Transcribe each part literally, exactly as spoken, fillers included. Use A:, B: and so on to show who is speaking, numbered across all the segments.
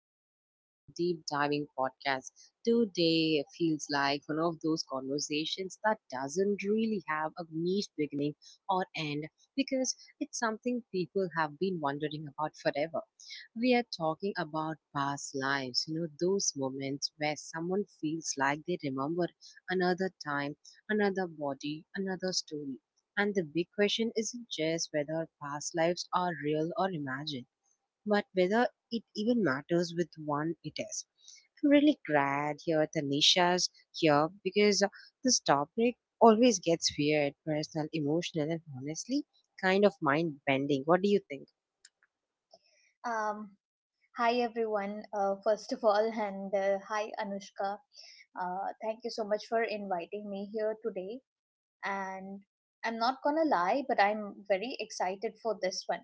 A: episode of our deep diving podcast. Today feels like one of those conversations that doesn't really have a neat beginning or end because it's something people have been wondering about forever. We are talking about past lives, you know, those moments where someone feels like they remember another time, another body, another story and the big question isn't just whether past lives are real or imagined, but whether it even matters with one it is. I'm really glad here Tanisha's here because uh, this topic always gets weird, personal, emotional, and honestly kind of mind bending. What do you think?
B: Um, Hi everyone. Uh, first of all, and uh, hi Anushka. Uh, thank you so much for inviting me here today. And I'm not gonna lie, but I'm very excited for this one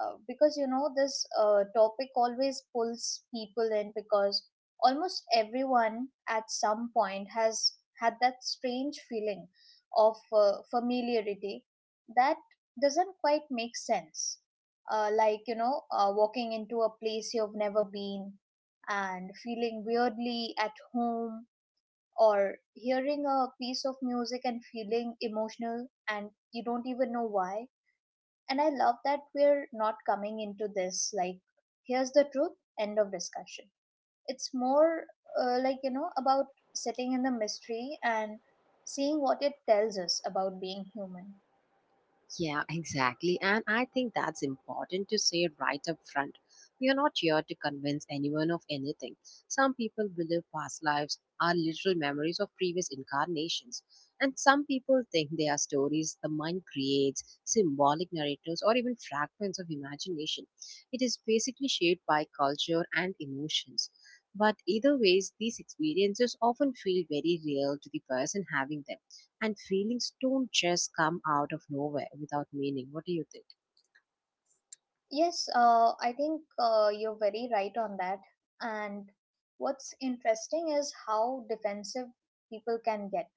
B: uh, because you know this uh, topic always pulls people in because almost everyone at some point has had that strange feeling of uh, familiarity that doesn't quite make sense, uh, like you know uh, walking into a place you've never been and feeling weirdly at home, or hearing a piece of music and feeling emotional and you don't even know why. And I love that we're not coming into this like, here's the truth, end of discussion. It's more, uh, like, you know, about sitting in the mystery and seeing what it tells us about being human.
A: Yeah, exactly. And I think that's important to say right up front. We are not here to convince anyone of anything. Some people believe past lives are literal memories of previous incarnations. And some people think they are stories the mind creates, symbolic narratives, or even fragments of imagination. It is basically shaped by culture and emotions. But either ways, these experiences often feel very real to the person having them and feelings don't just come out of nowhere without meaning. What do you think?
B: Yes, uh, I think uh, you're very right on that. And what's interesting is how defensive people can get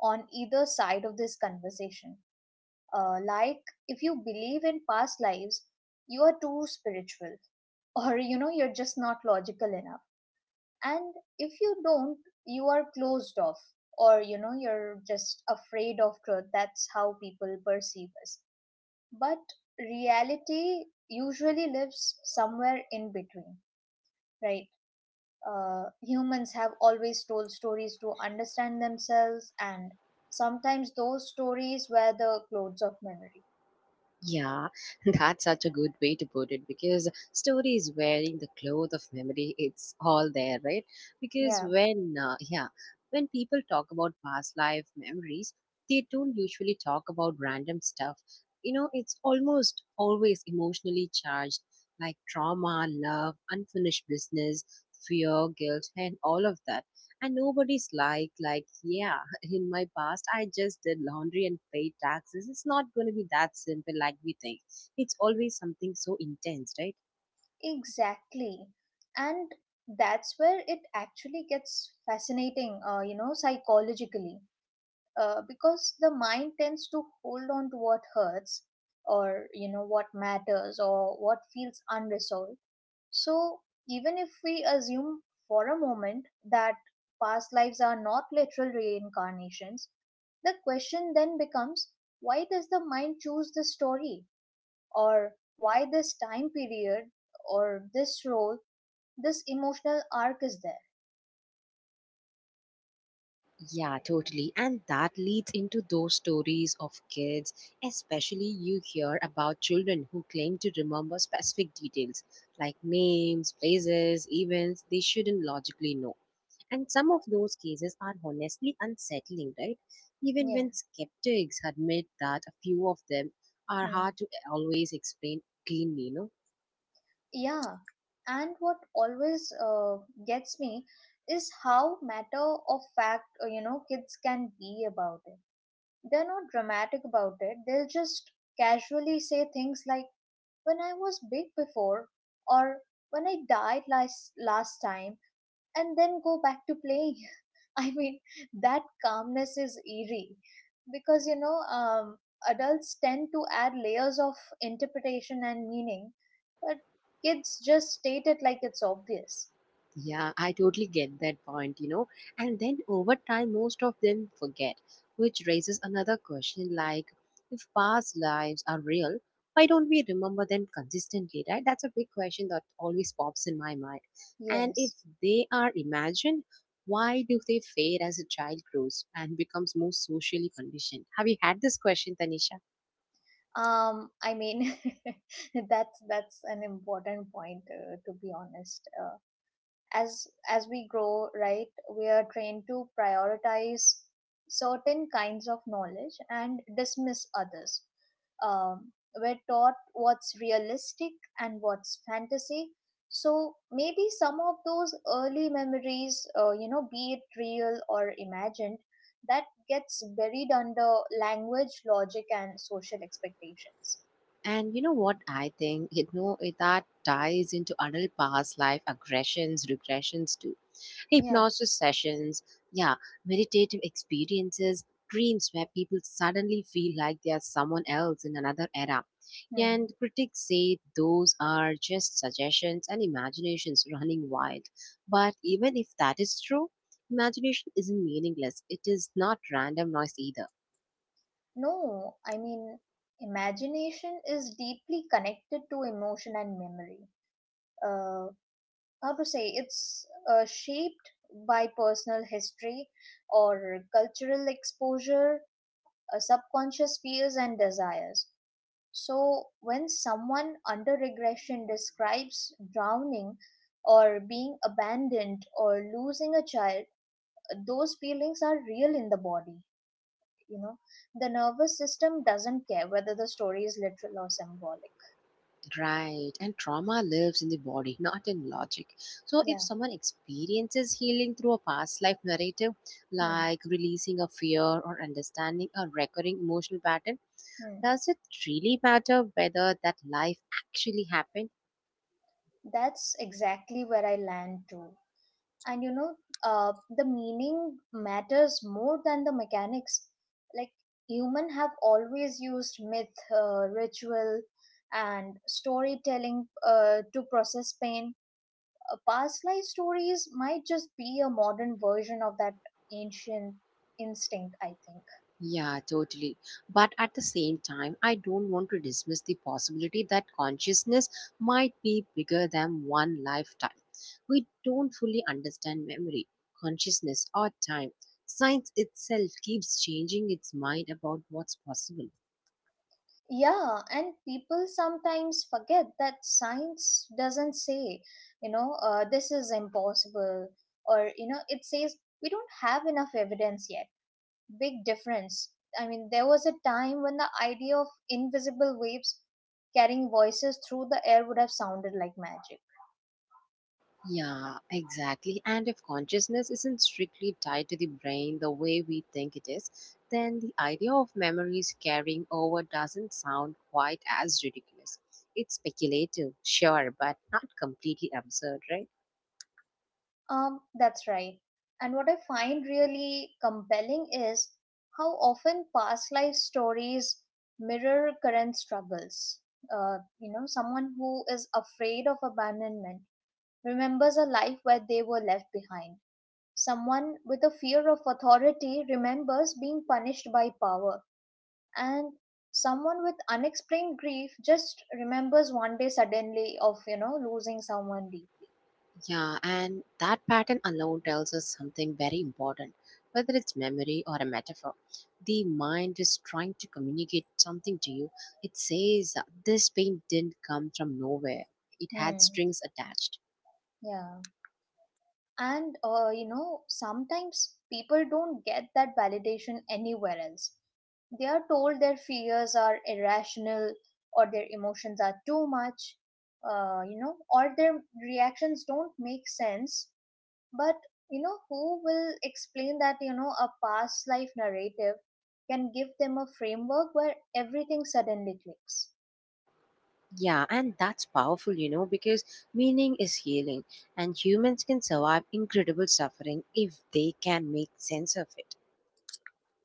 B: on either side of this conversation. Uh, like, if you believe in past lives, you are too spiritual, or you know you're just not logical enough. And if you don't, you are closed off, or you know you're just afraid of truth. That's how people perceive us. But reality usually lives somewhere in between, right? Uh, humans have always told stories to understand themselves, and sometimes those stories were the clothes of memory.
A: Yeah, that's such a good way to put it because story is wearing the cloth of memory. It's all there, right? Because
B: Yeah.
A: when, uh, yeah, when people talk about past life memories, they don't usually talk about random stuff. You know, it's almost always emotionally charged, like trauma, love, unfinished business, fear, guilt, and all of that. And nobody's like, like, yeah, in my past I just did laundry and paid taxes. It's not going to be that simple like we think. It's always something so intense, right?
B: Exactly. And that's where it actually gets fascinating, uh, you know, psychologically, uh, because the mind tends to hold on to what hurts, or, you know, what matters, or what feels unresolved. So even if we assume for a moment that past lives are not literal reincarnations, the question then becomes, why does the mind choose this story, or why this time period, or this role? This emotional arc is there.
A: Yeah, totally. And that leads into those stories of kids, especially you hear about children who claim to remember specific details like names, places, events they shouldn't logically know. And some of those cases are honestly unsettling, right? Even
B: Yeah.
A: when skeptics admit that a few of them are
B: Hmm.
A: hard to always explain cleanly, you know?
B: Yeah. And what always uh, gets me is how matter of fact, uh, you know, kids can be about it. They're not dramatic about it. They'll just casually say things like, when I was big before, or when I died last, last time, and then go back to playing. I mean, that calmness is eerie because you know, um, adults tend to add layers of interpretation and meaning, but kids just state it like it's obvious.
A: Yeah, I totally get that point, you know. And then over time, most of them forget, which raises another question like, if past lives are real, why don't we remember them consistently, right? That's a big question that always pops in my mind. And if
B: Yes.
A: they are imagined, why do they fade as a child grows and becomes more socially conditioned? Have you had this question, Tanisha?
B: Um, I mean, that's that's an important point, uh, to be honest. Uh, as as we grow, right, we are trained to prioritize certain kinds of knowledge and dismiss others. Um, we're taught what's realistic and what's fantasy. So maybe some of those early memories, uh, you know, be it real or imagined, that gets buried under language, logic, and social expectations.
A: And you know what I think? You know, it- that ties into adult past life aggressions, regressions too,
B: Yeah.
A: hypnosis sessions, yeah, meditative experiences, dreams where people suddenly feel like they are someone else in another era.
B: Hmm.
A: And critics say those are just suggestions and imaginations running wild. But even if that is true, imagination isn't meaningless. It is not random noise either.
B: No, I mean, imagination is deeply connected to emotion and memory. Uh, how to say, it's uh, shaped by personal history, or cultural exposure, uh, subconscious fears and desires. So when someone under regression describes drowning, or being abandoned, or losing a child, those feelings are real in the body. You know the nervous system doesn't care whether the story is literal or symbolic.
A: Right. And trauma lives in the body, not in logic. So if
B: Yeah.
A: someone experiences healing through a past life narrative,
B: Hmm.
A: like releasing a fear or understanding a recurring emotional pattern,
B: Hmm.
A: does it really matter whether that life actually happened?
B: That's exactly where I land too. And you know uh, the meaning matters more than the mechanics. Like, human have always used myth, uh, ritual, and storytelling, uh, to process pain. Uh, past life stories might just be a modern version of that ancient instinct, I think.
A: Yeah, totally. But at the same time, I don't want to dismiss the possibility that consciousness might be bigger than one lifetime. We don't fully understand memory, consciousness, or time. Science itself keeps changing its mind about what's possible.
B: Yeah, and people sometimes forget that science doesn't say, you know uh, this is impossible. Or you know it says, we don't have enough evidence yet. Big difference. I mean, there was a time when the idea of invisible waves carrying voices through the air would have sounded like magic.
A: Yeah, exactly. And if consciousness isn't strictly tied to the brain the way we think it is, then the idea of memories carrying over doesn't sound quite as ridiculous. It's speculative, sure, but not completely absurd, right?
B: Um, that's right. And what I find really compelling is how often past life stories mirror current struggles. Uh, you know, someone who is afraid of abandonment remembers a life where they were left behind. Someone with a fear of authority remembers being punished by power. And someone with unexplained grief just remembers one day suddenly of, you know, losing someone deeply.
A: Yeah, and that pattern alone tells us something very important. Whether it's memory or a metaphor, the mind is trying to communicate something to you. It says, this pain didn't come from nowhere, it had
B: Hmm.
A: strings attached.
B: Yeah. And uh, you know sometimes people don't get that validation anywhere else. They are told their fears are irrational, or their emotions are too much, uh, you know or their reactions don't make sense. But you know who will explain that? You know a past life narrative can give them a framework where everything suddenly clicks.
A: Yeah, and that's powerful, you know, because meaning is healing, and humans can survive incredible suffering if they can make sense of it.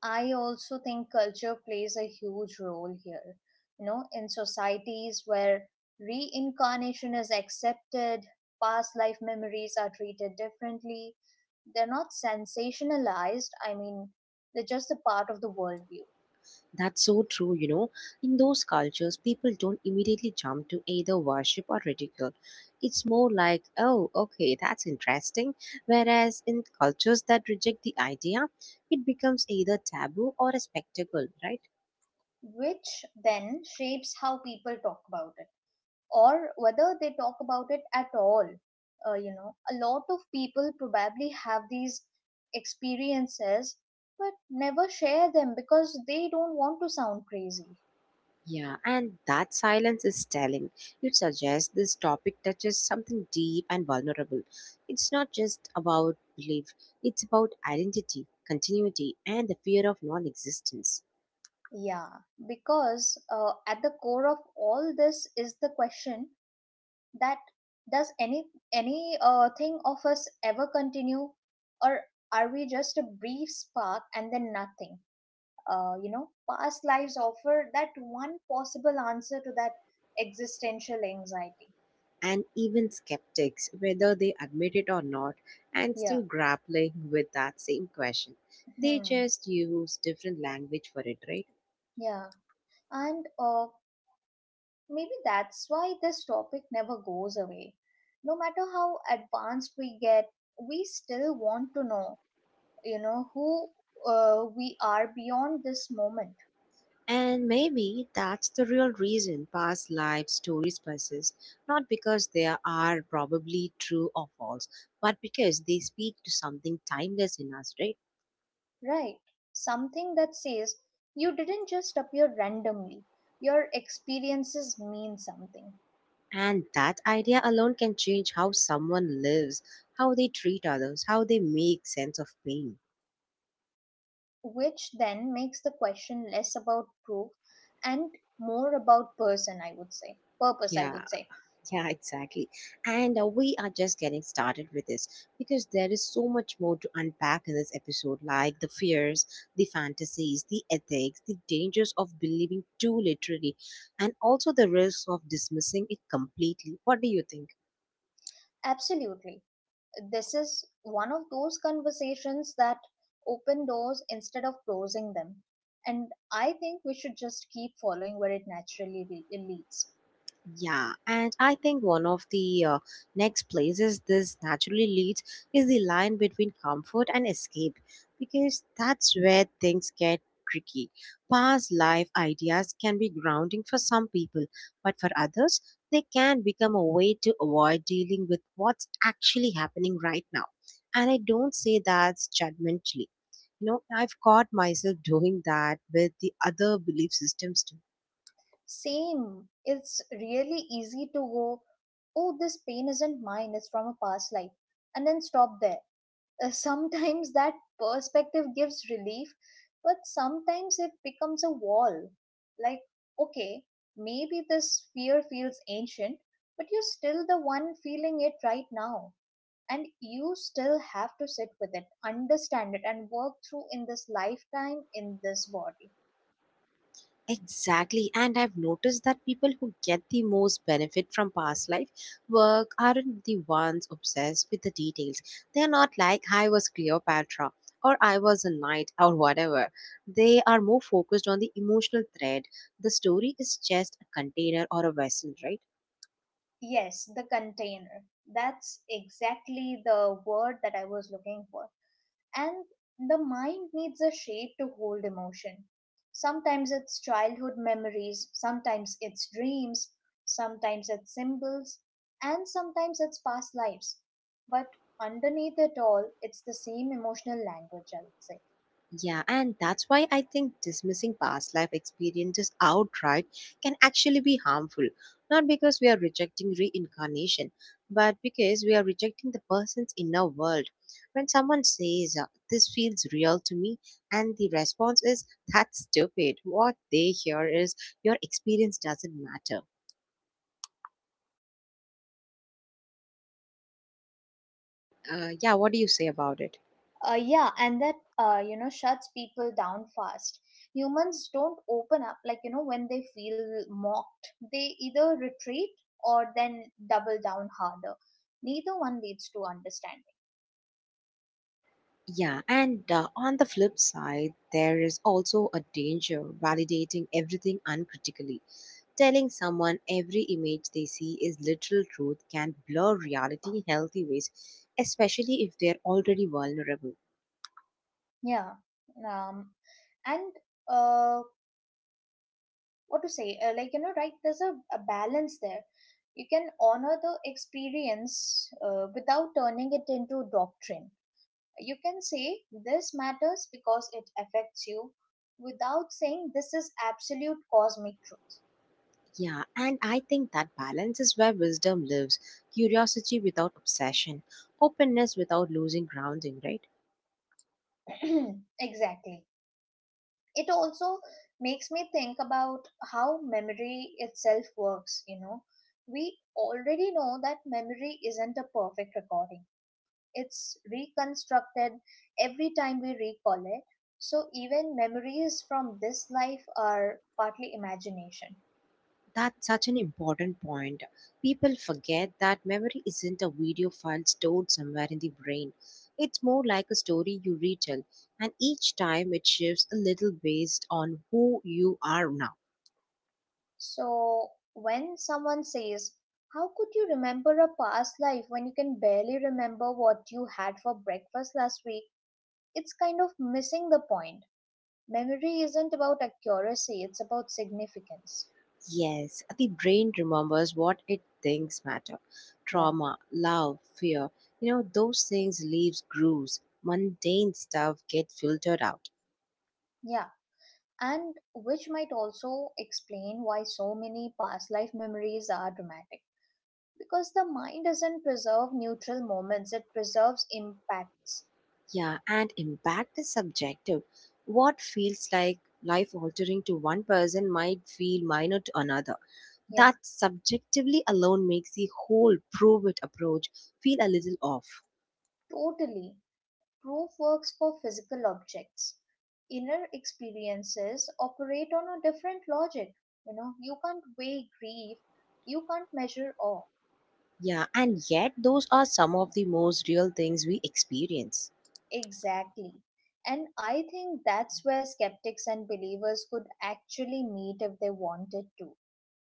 B: I also think culture plays a huge role here. You know, in societies where reincarnation is accepted, past life memories are treated differently. They're not sensationalized, I mean, they're just a part of the worldview,
A: That's so true, you know. In those cultures, people don't immediately jump to either worship or ridicule. It's more like, oh, okay, that's interesting. Whereas in cultures that reject the idea, it becomes either taboo or a spectacle, right?
B: which then shapes how people talk about it, or whether they talk about it at all. Uh, you know, a lot of people probably have these experiences but never share them because they don't want to sound crazy.
A: Yeah, and that silence is telling. It suggests this topic touches something deep and vulnerable. It's not just about belief, it's about identity, continuity, and the fear of non existence.
B: Yeah, because uh, at the core of all this is the question that, does any any uh, thing of us ever continue, or are we just a brief spark and then nothing? uh, you know past lives offer that one possible answer to that existential anxiety.
A: And even skeptics, whether they admit it or not, and
B: Yeah.
A: still grappling with that same question. They
B: Hmm.
A: just use different language for it, right?
B: Yeah. And uh, maybe that's why this topic never goes away. No matter how advanced we get, we still want to know, you know who uh, we are beyond this moment.
A: And maybe that's the real reason past life stories persist, not because they are probably true or false, but because they speak to something timeless in us, right?
B: Right, something that says, you didn't just appear randomly, your experiences mean something,
A: And that idea alone can change how someone lives, how they treat others, how they make sense of pain.
B: which then makes the question less about proof and more about person, I would say, purpose, I
A: Yeah.
B: would say.
A: Yeah, exactly. And uh, we are just getting started with this because there is so much more to unpack in this episode like the fears, the fantasies, the ethics, the dangers of believing too literally, and also the risks of dismissing it completely. What do you think?
B: Absolutely. This is one of those conversations that open doors instead of closing them. And I think we should just keep following where it naturally le- leads.
A: Yeah, and I think one of the uh, next places this naturally leads is the line between comfort and escape, because that's where things get tricky. Past life ideas can be grounding for some people, but for others, they can become a way to avoid dealing with what's actually happening right now. And I don't say that judgmentally. You know, I've caught myself doing that with the other belief systems too.
B: Same. It's really easy to go, oh, this pain isn't mine, it's from a past life, and then stop there. Uh, sometimes that perspective gives relief, but sometimes it becomes a wall. Like, okay, maybe this fear feels ancient, but you're still the one feeling it right now. And you still have to sit with it, understand it, and work through in this lifetime, in this body.
A: Exactly. And I've noticed that people who get the most benefit from past life work aren't the ones obsessed with the details. They're not like, I was Cleopatra or I was a knight or whatever. They are more focused on the emotional thread. The story is just a container or a vessel, right?
B: Yes, the container. That's exactly the word that I was looking for. And the mind needs a shape to hold emotion. Sometimes it's childhood memories, sometimes it's dreams, sometimes it's symbols, and sometimes it's past lives. But underneath it all, it's the same emotional language, I would say.
A: Yeah, and that's why I think dismissing past life experiences outright can actually be harmful. Not because we are rejecting reincarnation, but because we are rejecting the person's inner world. When someone says, uh, this feels real to me, and the response is, that's stupid, what they hear is, your experience doesn't matter. Uh, yeah, what do you say about it?
B: Uh, yeah, and that, uh, you know, shuts people down fast. Humans don't open up, like, you know, when they feel mocked. They either retreat or then double down harder. Neither one leads to understanding.
A: Yeah, and uh, on the flip side, there is also a danger validating everything uncritically. Telling someone every image they see is literal truth can blur reality in healthy ways, especially if they're already vulnerable.
B: Yeah. Um, and uh, what to say? Uh, like, you know, right, there's a, a balance there. You can honor the experience uh, without turning it into doctrine. You can say this matters because it affects you, without saying this is absolute cosmic
A: Yeah, and I think that balance is where wisdom lives, curiosity without obsession, openness without losing grounding, right?
B: truth. Exactly. It also makes me think about how memory itself works, you know. We already know that memory isn't a perfect recording, it's reconstructed every time we recall it. So even memories from this life are partly imagination.
A: That's such an important point. People forget that memory isn't a video file stored somewhere in the brain. It's more like a story you retell, and each time it shifts a little based on who you are now.
B: So when someone says, how could you remember a past life when you can barely remember what you had for breakfast last week? It's kind of missing the point. Memory isn't about accuracy, it's about significance.
A: Yes, the brain remembers what it thinks matter.
B: Yeah.
A: Trauma, love, fear, you know, those things leaves grooves. Mundane stuff get filtered out.
B: Yeah. And which might also explain why so many past life memories are dramatic, because the mind doesn't preserve neutral moments, it preserves impacts.
A: Yeah, and impact is subjective. What feels like life altering to one person might feel minor to another.
B: Yeah,
A: That subjectively alone makes the whole prove it approach feel a little off.
B: totally. Proof works for physical objects. Inner experiences operate on a different logic. You know, you can't weigh grief, you can't measure awe.
A: Yeah, and yet those are some of the most real things we experience.
B: Exactly. And I think that's where skeptics and believers could actually meet if they wanted to.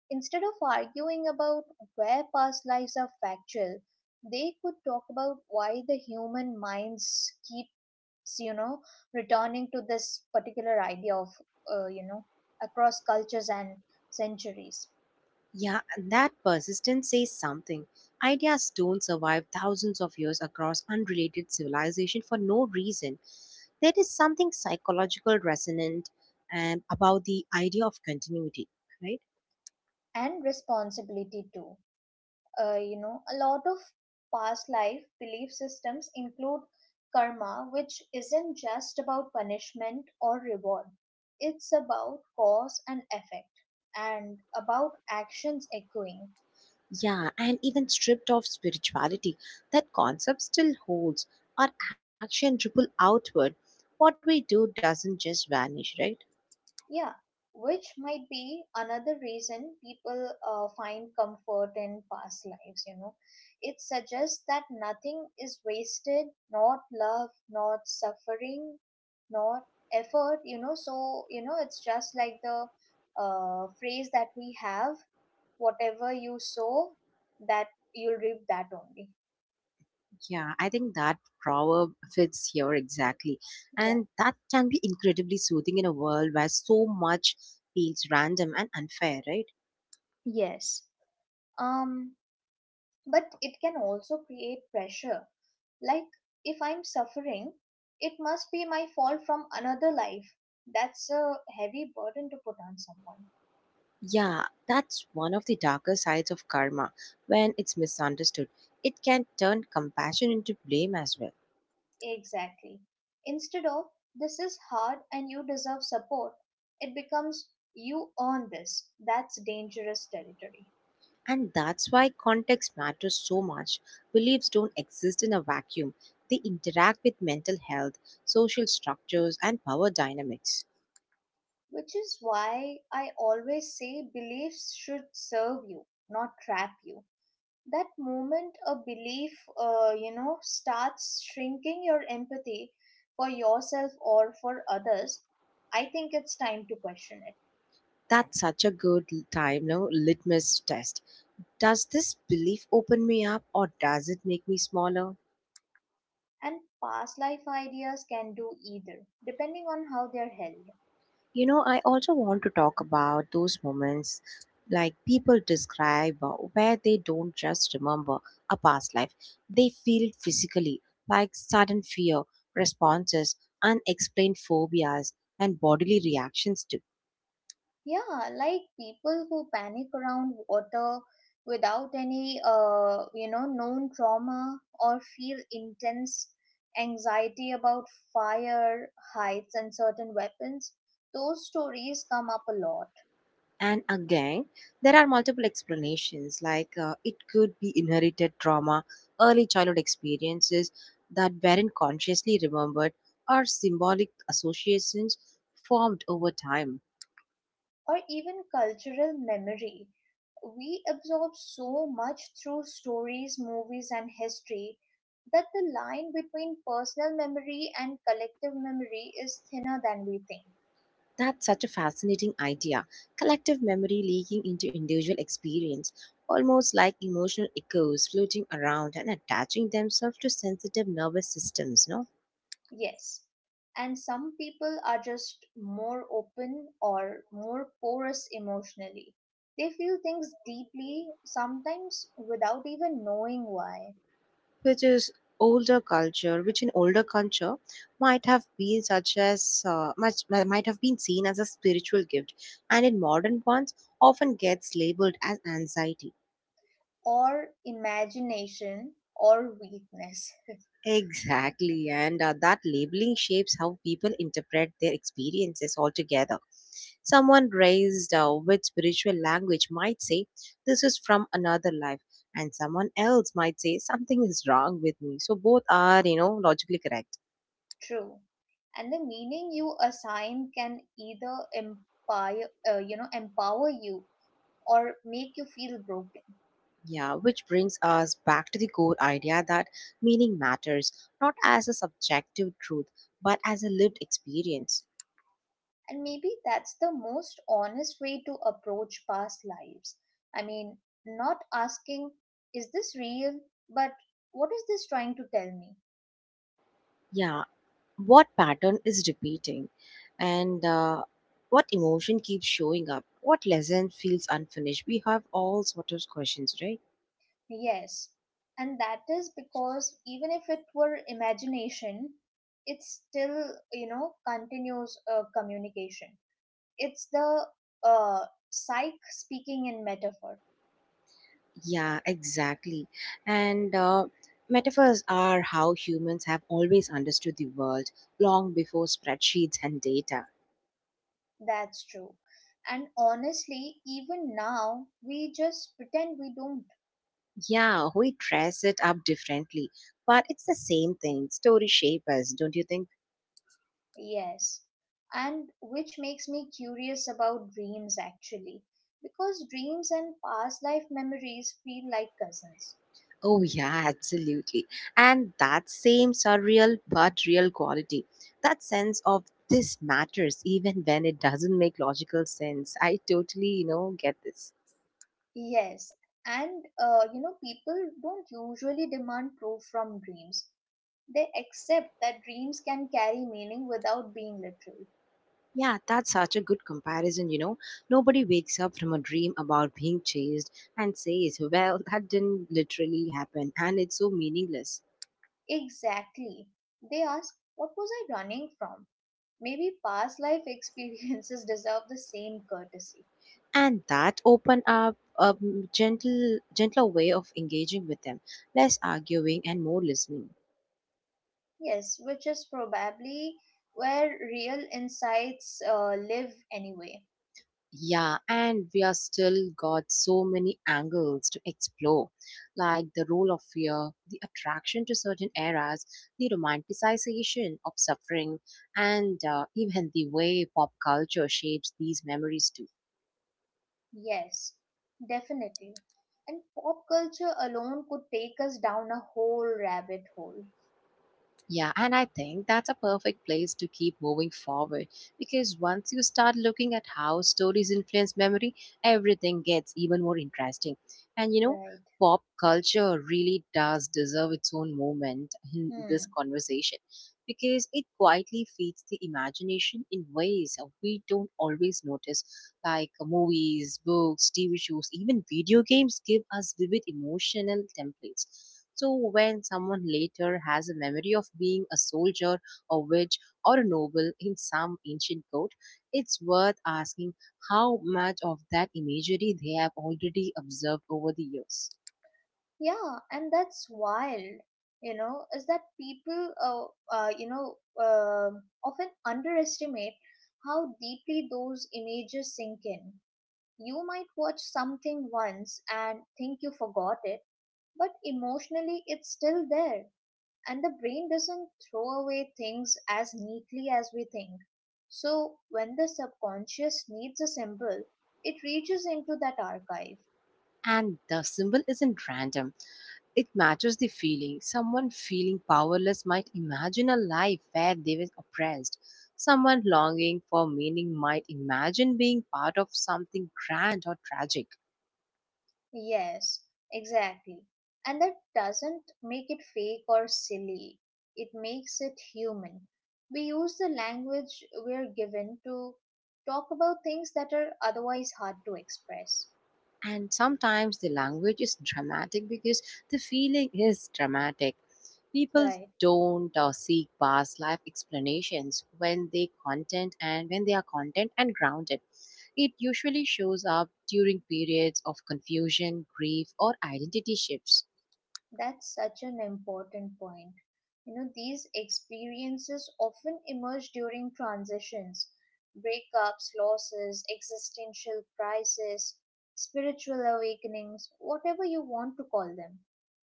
B: Instead of arguing about where past lives are factual, they could talk about why the human minds keeps, you know, returning to this particular idea of, uh, you know, across cultures and centuries,
A: Yeah, and that persistence says something. Ideas don't survive thousands of years across unrelated civilization for no reason. There is something psychological resonant and about the idea of continuity, right?
B: and responsibility too. uh, you know a lot of past life belief systems include karma, which isn't just about punishment or reward, it's about cause and effect, and about actions echoing.
A: Yeah, and even stripped of spirituality, that concept still holds. Our action ripple outward. What we do doesn't just vanish, right?
B: Yeah, which might be another reason people uh, find comfort in past lives, you know. It suggests that nothing is wasted, not love, not suffering, not effort, you know. So, you know, it's just like the uh, phrase that we have, whatever you sow, that you'll reap that only.
A: Yeah, I think that proverb fits here exactly.
B: Yeah.
A: And that can be incredibly soothing in a world where so much feels random and unfair, right?
B: Yes. Um, but it can also create pressure. Like, if I'm suffering, it must be my fault from another life. That's a heavy burden to put on someone.
A: Yeah, that's one of the darker sides of karma when it's misunderstood. It can turn compassion into blame as well.
B: Exactly. Instead of, this is hard and you deserve support, it becomes, you earn this. That's dangerous territory.
A: And that's why context matters so much. Beliefs don't exist in a vacuum, they interact with mental health, social structures, and power dynamics.
B: Which is why I always say, beliefs should serve you, not trap you. That moment a belief uh, you know starts shrinking your empathy for yourself or for others, I think it's time to question it.
A: That's such a good time, no? Litmus test. Does this belief open me up or does it make me smaller?
B: And past life ideas can do either, depending on how they're held.
A: You know, I also want to talk about those moments like people describe uh, where they don't just remember a past life, they feel it physically, like sudden fear, responses, unexplained phobias, and bodily reactions too.
B: Yeah, like people who panic around water without any uh, you know known trauma, or feel intense anxiety about fire, heights, and certain weapons. Those stories come up a lot.
A: And again, there are multiple explanations like uh, it could be inherited trauma, early childhood experiences that weren't consciously remembered, or symbolic associations formed over time.
B: Or even cultural memory. We absorb so much through stories, movies, and history that the line between personal memory and collective memory is thinner than we think.
A: That's such a fascinating idea. Collective memory leaking into individual experience, almost like emotional echoes floating around and attaching themselves to sensitive nervous systems, no?
B: Yes. And some people are just more open or more porous emotionally. They feel things deeply, sometimes without even knowing why,
A: Which is older culture, which in older culture might have been such as uh, much mi- might have been seen as a spiritual gift, and in modern ones often gets labeled as anxiety.
B: or imagination or weakness.
A: Exactly, and uh, that labeling shapes how people interpret their experiences altogether. Someone raised uh, with spiritual language might say, this is from another life, and someone else might say, something is wrong with me. So, both are, you know, logically correct.
B: True. And the meaning you assign can either empire, uh, you know, empower you or make you feel broken.
A: Yeah, which brings us back to the core idea that meaning matters, not as a subjective truth, but as a lived experience.
B: And maybe that's the most honest way to approach past lives. I mean, Not asking, is this real? But what is this trying to tell me?
A: Yeah, what pattern is repeating? And uh, What emotion keeps showing up? What lesson feels unfinished? We have all sort of questions, right?
B: Yes. And that is because even if it were imagination, it's still, you know, continuous uh, communication. It's the uh, psyche speaking in metaphor.
A: Yeah, exactly. And uh, Metaphors are how humans have always understood the world long before spreadsheets and data.
B: That's true. And honestly, even now, we just pretend we don't.
A: Yeah, we dress it up differently, but it's the same thing. Story shape us, don't you think?
B: Yes. And which makes me curious about dreams actually. Because dreams and past life memories feel like cousins.
A: Oh, yeah, absolutely. And that same surreal but real quality, that sense of this matters even when it doesn't make logical sense. I totally, you know, get this.
B: Yes. And, uh, you know, people don't usually demand proof from dreams. They accept that dreams can carry meaning without being literal.
A: Yeah, that's such a good comparison, you know. Nobody wakes up from a dream about being chased and says, well, that didn't literally happen, and it's so meaningless.
B: Exactly. They ask, what was I running from? Maybe past life experiences deserve the same courtesy.
A: And that open up a gentle gentler way of engaging with them, less arguing and more listening.
B: Yes, which is probably where real insights uh, live anyway.
A: Yeah, and we are still got so many angles to explore, like the role of fear, the attraction to certain eras, the romanticization of suffering, and uh, even the way pop culture shapes these memories too.
B: Yes, definitely. And pop culture alone could take us down a whole rabbit hole.
A: Yeah, and I think that's a perfect place to keep moving forward, because once you start looking at how stories influence memory, everything gets even more interesting. And you know,
B: Right.
A: pop culture really does deserve its own moment in this
B: Hmm.
A: conversation, because it quietly feeds the imagination in ways we don't always notice. Like movies, books, T V shows, even video games give us vivid emotional templates. So, when someone later has a memory of being a soldier, a witch, or a noble in some ancient court, it's worth asking how much of that imagery they have already observed over the years.
B: Yeah, and that's wild, you know, is that people, uh, uh, you know, um often underestimate how deeply those images sink in. You might watch something once and think you forgot it, but emotionally it's still there, and the brain doesn't throw away things as neatly as we think. So, when the subconscious needs a symbol, it reaches into that archive.
A: And the symbol isn't random. It matches the feeling. Someone feeling powerless might imagine a life where they were oppressed. Someone longing for meaning might imagine being part of something grand or tragic.
B: Yes, exactly. And that doesn't make it fake or silly. It makes it human. We use the language we're given to talk about things that are otherwise hard to express.
A: And sometimes the language is dramatic because the feeling is dramatic. People
B: Right.
A: don't uh, seek past life explanations when they content and when they are content and grounded. It usually shows up during periods of confusion, grief, or identity shifts.
B: That's such an important point. You know, these experiences often emerge during transitions: breakups, losses, existential crisis, spiritual awakenings, whatever you want to call them.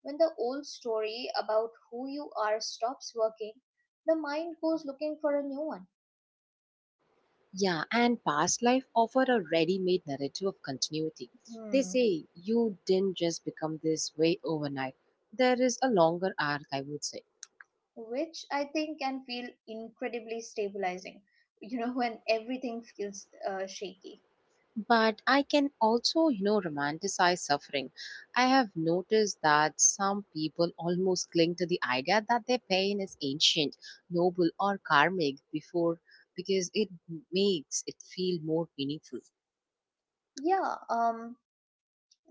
B: When the old story about who you are stops working, the mind goes looking for a new one.
A: Yeah, and past life offer a ready-made narrative of continuity. They
B: Hmm.
A: say you didn't just become this way overnight. There is a longer arc, I would say.
B: Which I think can feel incredibly stabilizing, you know, when everything feels uh, shaky.
A: But I can also, you know, romanticize suffering. I have noticed that some people almost cling to the idea that their pain is ancient, noble, or karmic before because it makes it feel more meaningful.
B: Yeah, um,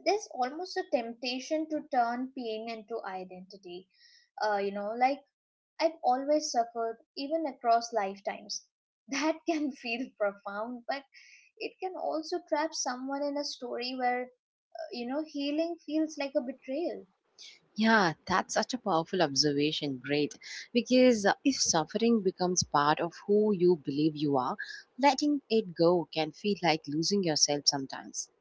B: there's almost a temptation to turn pain into identity. Uh, you know, like, I've always suffered, even across lifetimes. That can feel profound, but it can also trap someone in a story where, you know, healing feels like a betrayal.
A: Yeah, that's such a powerful observation, great. Because uh, if suffering becomes part of who you believe you are, letting it go can feel like losing yourself sometimes.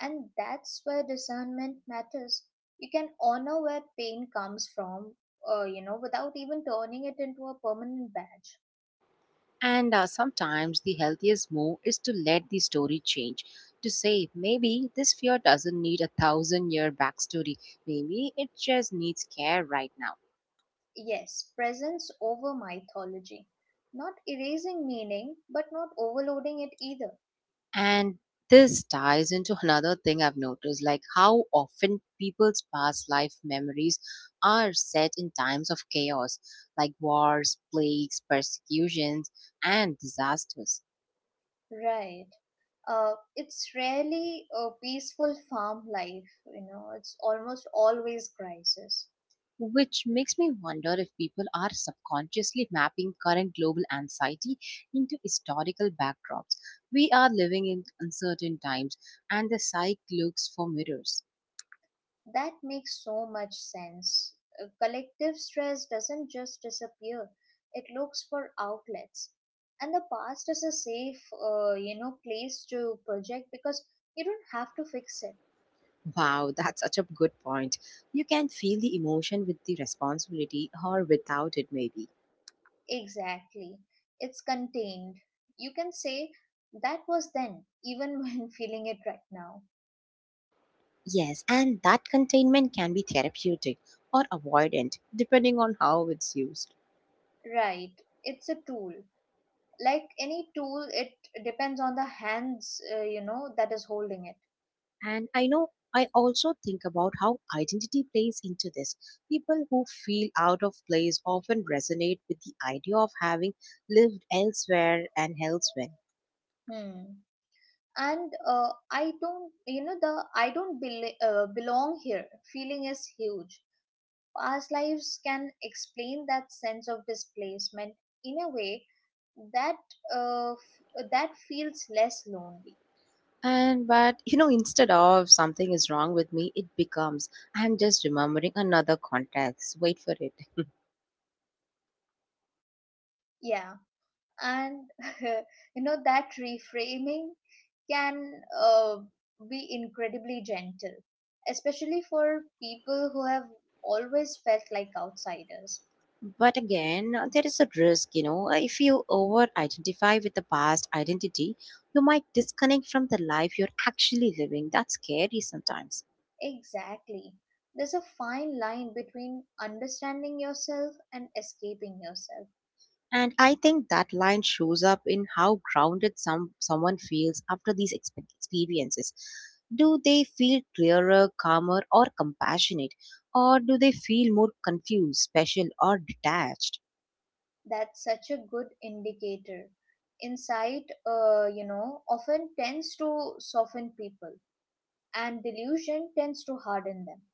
B: And that's where discernment matters. You can honor where pain comes from, uh, you know, without even turning it into a permanent badge.
A: And uh, Sometimes the healthiest move is to let the story change. To say, maybe this fear doesn't need a thousand year backstory, maybe it just needs care right now.
B: Yes, presence over mythology. Not erasing meaning, but not overloading it either.
A: And this ties into another thing I've noticed, like how often people's past life memories are set in times of chaos, like wars, plagues, persecutions, and disasters.
B: Right. Uh, it's rarely a peaceful farm life, you know, it's almost always crisis.
A: Which makes me wonder if people are subconsciously mapping current global anxiety into historical backdrops. We are living in uncertain times, and the psyche looks for mirrors.
B: That makes so much sense. Uh, Collective stress doesn't just disappear, it looks for outlets. And the past is a safe, uh, you know, place to project because you don't have to fix it.
A: Wow, that's such a good point. You can feel the emotion with the responsibility or without it, maybe.
B: Exactly. It's contained. You can say that was then, even when feeling it right now.
A: Yes, and that containment can be therapeutic or avoidant, depending on how it's used.
B: Right. It's a tool. Like any tool, it depends on the hands, uh, you know, that is holding it.
A: And I know I also think about how identity plays into this. People who feel out of place often resonate with the idea of having lived elsewhere and elsewhere.
B: Hmm. And uh, I don't you know the I don't bel- uh, belong here feeling is huge. Past lives can explain that sense of displacement in a way that uh, f- that feels less lonely.
A: And but you know, instead of something is wrong with me, it becomes I'm just remembering another context. Wait for it.
B: Yeah, and you know, that reframing can uh, be incredibly gentle, especially for people who have always felt like outsiders.
A: But again, uh, there is a risk, you know, uh, if you over identify with the past identity, you might disconnect from the life you're actually living. That's scary sometimes.
B: Exactly. There's a fine line between understanding yourself and escaping yourself.
A: And I think that line shows up in how grounded some someone feels after these expe- experiences. Do they feel clearer, calmer, or compassionate? Or do they feel more confused, special, or detached?
B: That's such a good indicator. Insight, uh, you know, often tends to soften people, and delusion tends to harden them.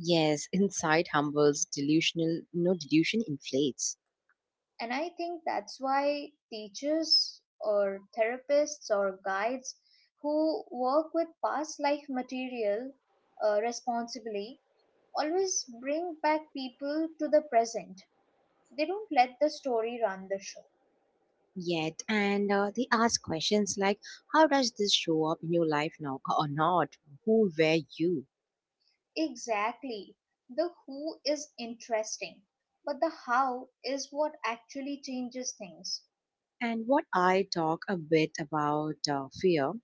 A: Yes, inside humbles, delusional, no delusion inflates.
B: And I think that's why teachers or therapists or guides who work with past life material uh, responsibly always bring back people to the present. They don't let the story run the show.
A: Yet, and uh, they ask questions like, how does this show up in your life now or not? Who were you?
B: Exactly. The who is interesting, but the how is what actually changes things.
A: And what I talk a bit about uh, fear,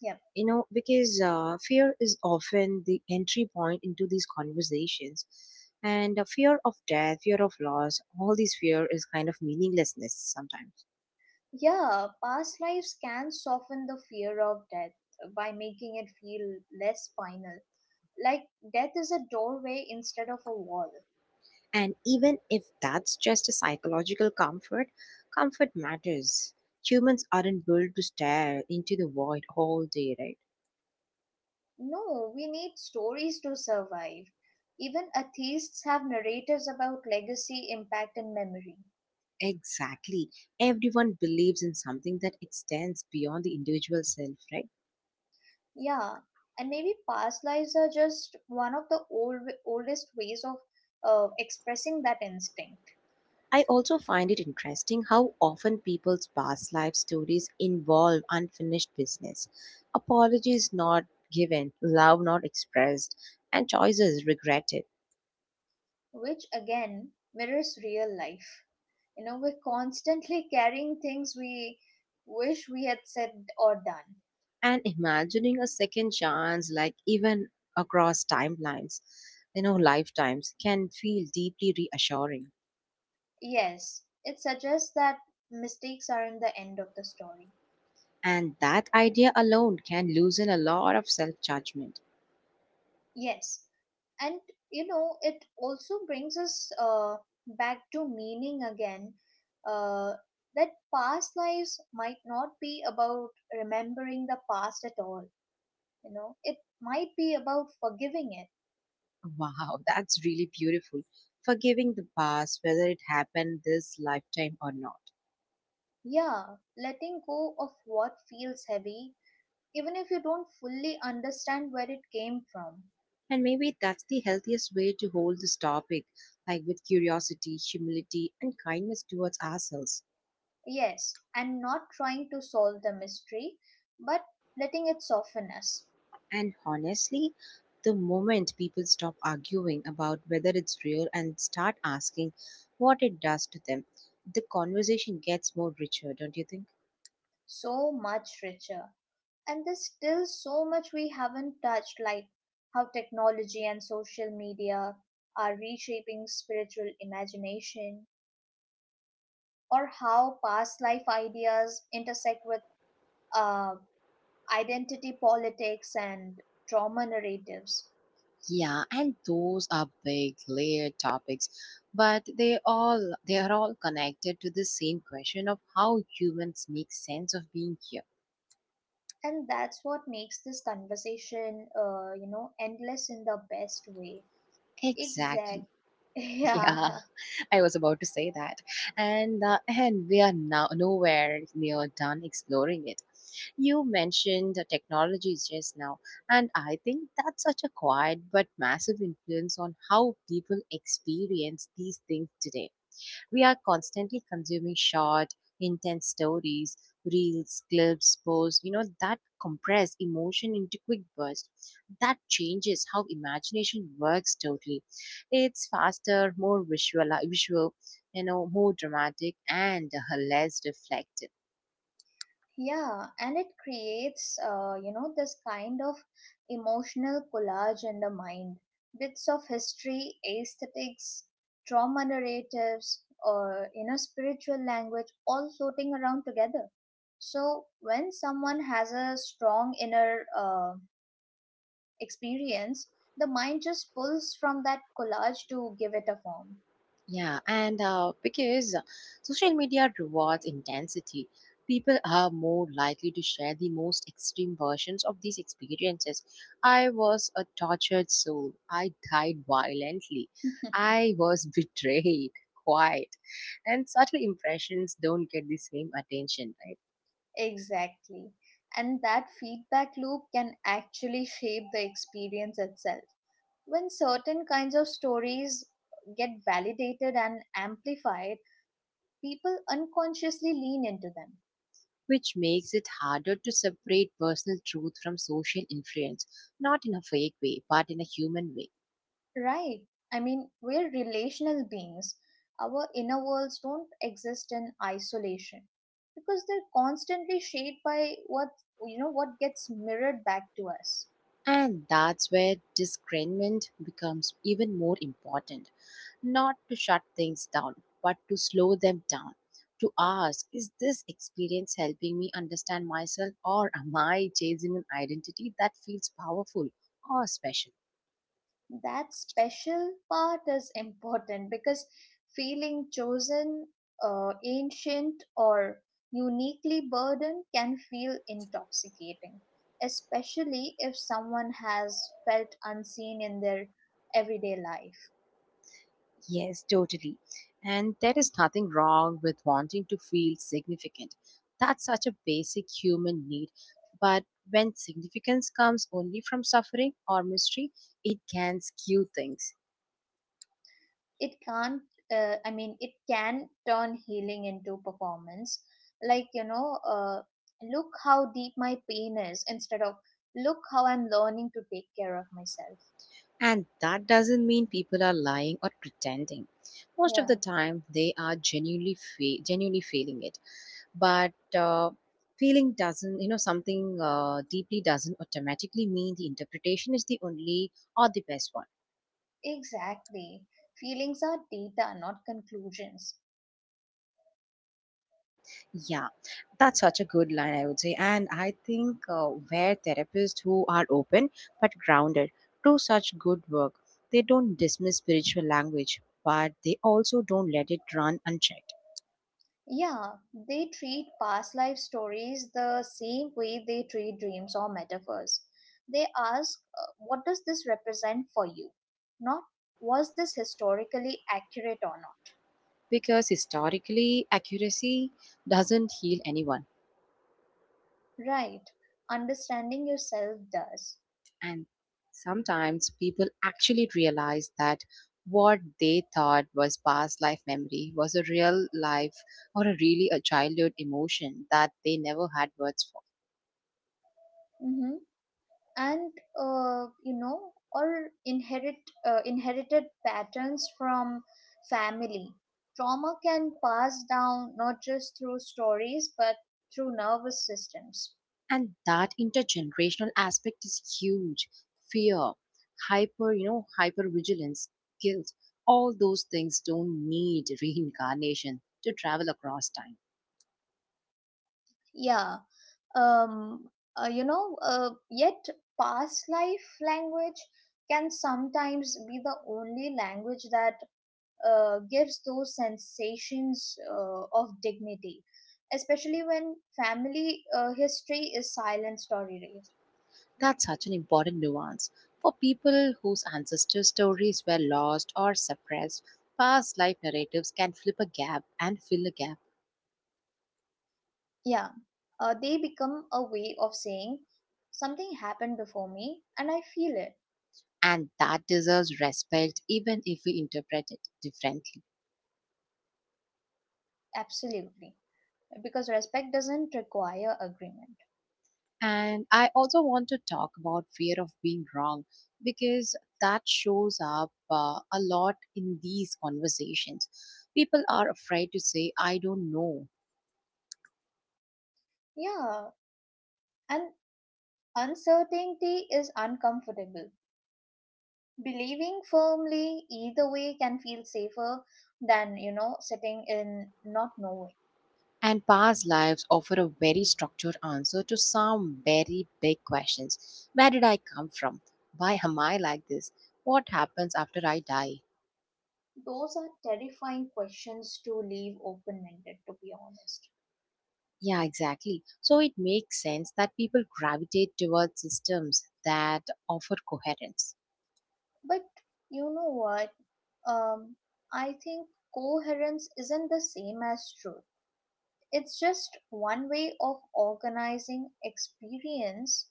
B: Yeah.
A: you know, because uh, fear is often the entry point into these conversations, and uh, fear of death, fear of loss, all this fear is kind of meaninglessness sometimes.
B: Yeah, past lives can soften the fear of death by making it feel less final. Like death is a doorway instead of a wall.
A: And even if that's just a psychological comfort, comfort matters. Humans aren't built to stare into the void all day, right?
B: No, we need stories to survive. Even atheists have narratives about legacy, impact, and memory.
A: Exactly. Everyone believes in something that extends beyond the individual self, right?
B: Yeah, and maybe past lives are just one of the old oldest ways of uh, expressing that instinct,
A: I also find it interesting how often people's past life stories involve unfinished business, apologies not given, love not expressed, and choices regretted.
B: which again mirrors real life. You know, we're constantly carrying things we wish we had said or done.
A: And imagining a second chance, like even across timelines, you know, lifetimes, can feel deeply reassuring.
B: Yes, it suggests that mistakes aren't the end of the story.
A: And that idea alone can loosen a lot of self judgment.
B: Yes, and you know, it also brings us uh, back to meaning again, uh, that past lives might not be about remembering the past at all. You know, it might be about forgiving it.
A: Wow, that's really beautiful. Forgiving the past, whether it happened this lifetime or not.
B: Yeah, letting go of what feels heavy even if you don't fully understand where it came from.
A: And maybe that's the healthiest way to hold this topic, like with curiosity, humility, and kindness towards ourselves.
B: Yes, and not trying to solve the mystery, but letting it soften us.
A: And honestly, the moment people stop arguing about whether it's real and start asking what it does to them, the conversation gets more richer, don't you think?
B: So much richer. And there's still so much we haven't touched, like how technology and social media are reshaping spiritual imagination, or how past life ideas intersect with uh, identity politics and trauma narratives.
A: Yeah, and those are big layered topics, but they all they are all connected to the same question of how humans make sense of being here.
B: And that's what makes this conversation, uh, you know, endless in the best way.
A: Exactly.
B: Exact.
A: Yeah.
B: Yeah.
A: I was about to say that. And uh, and we are now nowhere near done exploring it. You mentioned the technologies just now, and I think that's such a quiet but massive influence on how people experience these things today. We are constantly consuming short, intense stories, reels, clips, posts, you know, that compress emotion into quick bursts. That changes how imagination works totally. It's faster, more visual, visual you know, more dramatic and less reflective.
B: Yeah, and it creates, uh, you know, this kind of emotional collage in the mind. Bits of history, aesthetics, trauma narratives, or, you know, spiritual language all floating around together. So when someone has a strong inner uh, experience, the mind just pulls from that collage to give it a form.
A: Yeah, and uh, because social media rewards intensity, people are more likely to share the most extreme versions of these experiences. I was a tortured soul. I died violently. I was betrayed, quiet. And subtle impressions don't get the same attention, right?
B: Exactly. And that feedback loop can actually shape the experience itself. When certain kinds of stories get validated and amplified, people unconsciously lean into them.
A: Which makes it harder to separate personal truth from social influence, not in a fake way, but in a human way.
B: Right? I mean, we're relational beings. Our inner worlds don't exist in isolation because they're constantly shaped by what you know what gets mirrored back to us.
A: And that's where discernment becomes even more important. Not to shut things down, but to slow them down. To ask, is this experience helping me understand myself, or am I chasing an identity that feels powerful or special?
B: That special part is important because feeling chosen, uh, ancient, or uniquely burdened can feel intoxicating, especially if someone has felt unseen in their everyday life.
A: Yes, totally. And there is nothing wrong with wanting to feel significant. That's such a basic human need. But when significance comes only from suffering or mystery, it can skew things.
B: It can't, uh, I mean, it can turn healing into performance. Like, you know, uh, look how deep my pain is, instead of look how I'm learning to take care of myself.
A: And that doesn't mean people are lying or pretending. Most of
B: Yeah.
A: the time, they are genuinely fe- genuinely feeling it. But uh, feeling doesn't, you know, something uh, deeply doesn't automatically mean the interpretation is the only or the best one.
B: Exactly. Feelings are data, not conclusions.
A: Yeah, that's such a good line, I would say. And I think uh, where therapists who are open but grounded do such good work, they don't dismiss spiritual language, but they also don't let it run unchecked
B: Yeah, they treat past life stories the same way they treat dreams or metaphors. They ask, uh, what does this represent for you? Not, was this historically accurate or not?
A: because historically, accuracy doesn't heal anyone.
B: Right. Understanding yourself does.
A: And sometimes people actually realize that what they thought was past life memory was a real life or a really a childhood emotion that they never had words for.
B: Mhm. And uh, you know or inherit uh, inherited patterns from family trauma can pass down not just through stories but through nervous systems.
A: And that intergenerational aspect is huge. Fear, hyper, you know, hyper vigilance, guilt, all those things don't need reincarnation to travel across time.
B: Yeah um uh, you know uh, yet past life language can sometimes be the only language that uh, gives those sensations uh, of dignity, especially when family uh, history is silenced or erased.
A: That's such an important nuance. For people whose ancestor stories were lost or suppressed, past life narratives can flip a gap and fill a gap,
B: Yeah, uh, they become a way of saying something happened before me and I feel it.
A: and that deserves respect even if we interpret it differently.
B: Absolutely. Because respect doesn't require agreement.
A: And I also want to talk about fear of being wrong because that shows up uh, a lot in these conversations. People are afraid to say, I don't know.
B: Yeah, and uncertainty is uncomfortable. Believing firmly either way can feel safer than, you know, sitting in not knowing.
A: And past lives offer a very structured answer to some very big questions. Where did I come from? Why am I like this? What happens after I die?
B: Those are terrifying questions to leave open ended, to be honest.
A: Yeah, exactly. So it makes sense that people gravitate towards systems that offer coherence.
B: But you know what? um, I think coherence isn't the same as truth. It's just one way of organizing experience.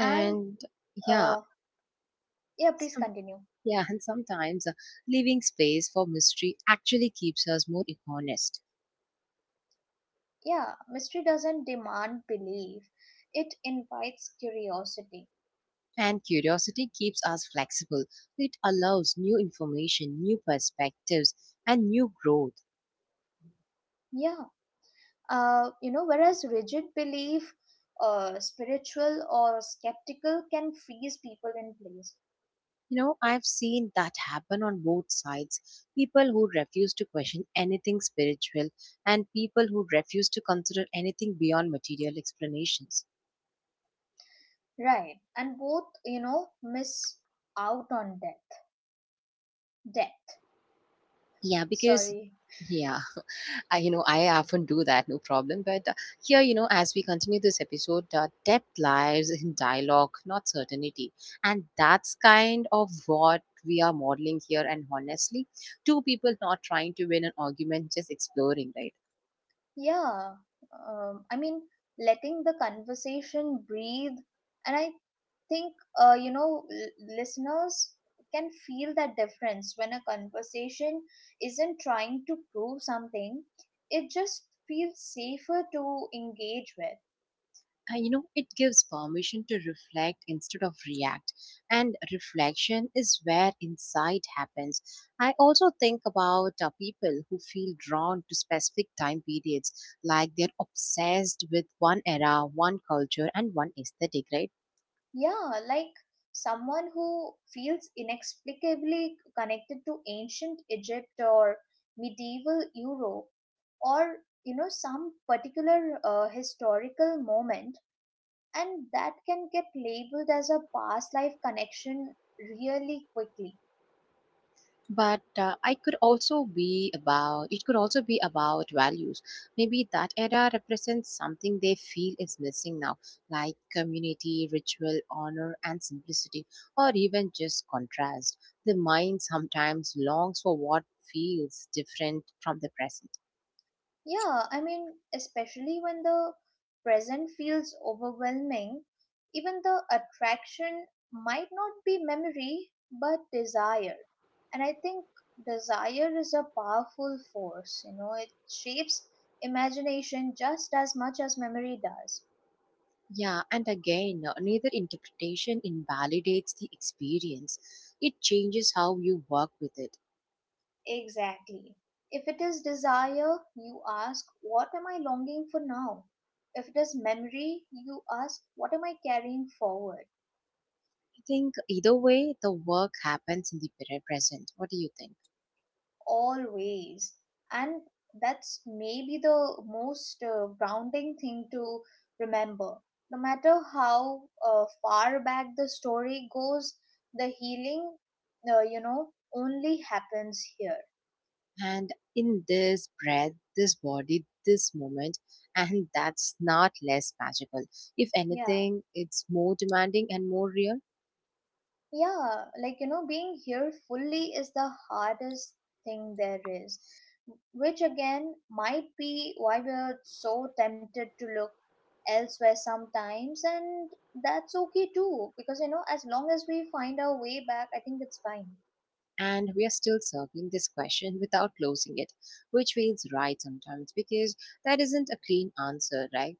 B: And
A: yeah,
B: uh, yeah, please
A: some,
B: continue.
A: yeah, and sometimes uh, leaving space for mystery actually keeps us more honest.
B: Yeah, mystery doesn't demand belief, it invites curiosity.
A: And curiosity keeps us flexible. It allows new information, new perspectives, and new growth.
B: Yeah, uh, you know, whereas rigid belief, uh, spiritual or skeptical, can freeze people in place.
A: You know, I've seen that happen on both sides. People who refuse to question anything spiritual, and people who refuse to consider anything beyond material explanations.
B: Right, and both, you know, miss out on depth. Depth,
A: Yeah, because,
B: sorry.
A: yeah. I, you know, I often do that, no problem. But uh, here, you know, as we continue this episode, uh, depth lies in dialogue, not certainty. And that's kind of what we are modeling here. And honestly, two people not trying to win an argument, just exploring, right?
B: Yeah, um, I mean, letting the conversation breathe, and I think uh, you know, l- listeners can feel that difference when a conversation isn't trying to prove something. It just feels safer to engage with.
A: Uh, you know, it gives permission to reflect instead of react, and reflection is where insight happens. I also think about uh, people who feel drawn to specific time periods, like they're obsessed with one era, one culture, and one aesthetic, right?
B: Yeah, like someone who feels inexplicably connected to ancient Egypt or medieval Europe, or you know, some particular uh, historical moment, and that can get labeled as a past life connection really quickly.
A: But uh, I could also be about it could also be about values. Maybe that era represents something they feel is missing now, like community, ritual, honor, and simplicity. Or even just contrast — the mind sometimes longs for what feels different from the present.
B: Yeah, I mean, especially when the present feels overwhelming, even the attraction might not be memory but desire. And I think desire is a powerful force, you know, it shapes imagination just as much as memory does.
A: Yeah, and again, uh, neither interpretation invalidates the experience. It changes how you work with it.
B: Exactly. If it is desire, you ask, what am I longing for now? If it is memory, you ask, what am I carrying forward?
A: I think either way the work happens in the pre- present. What do you think?
B: Always. And that's maybe the most uh, grounding thing to remember. No matter how uh, far back the story goes, the healing, uh, you know, only happens here.
A: And in this breath, this body, this moment, and that's not less magical. If
B: Yeah.
A: anything, it's more demanding and more real.
B: Yeah, like you know, being here fully is the hardest thing there is, which again might be why we're so tempted to look elsewhere sometimes, and that's okay too, because you know, as long as we find our way back, I think it's fine.
A: And we are still circling this question without closing it, which feels right sometimes because that isn't a clean answer, right?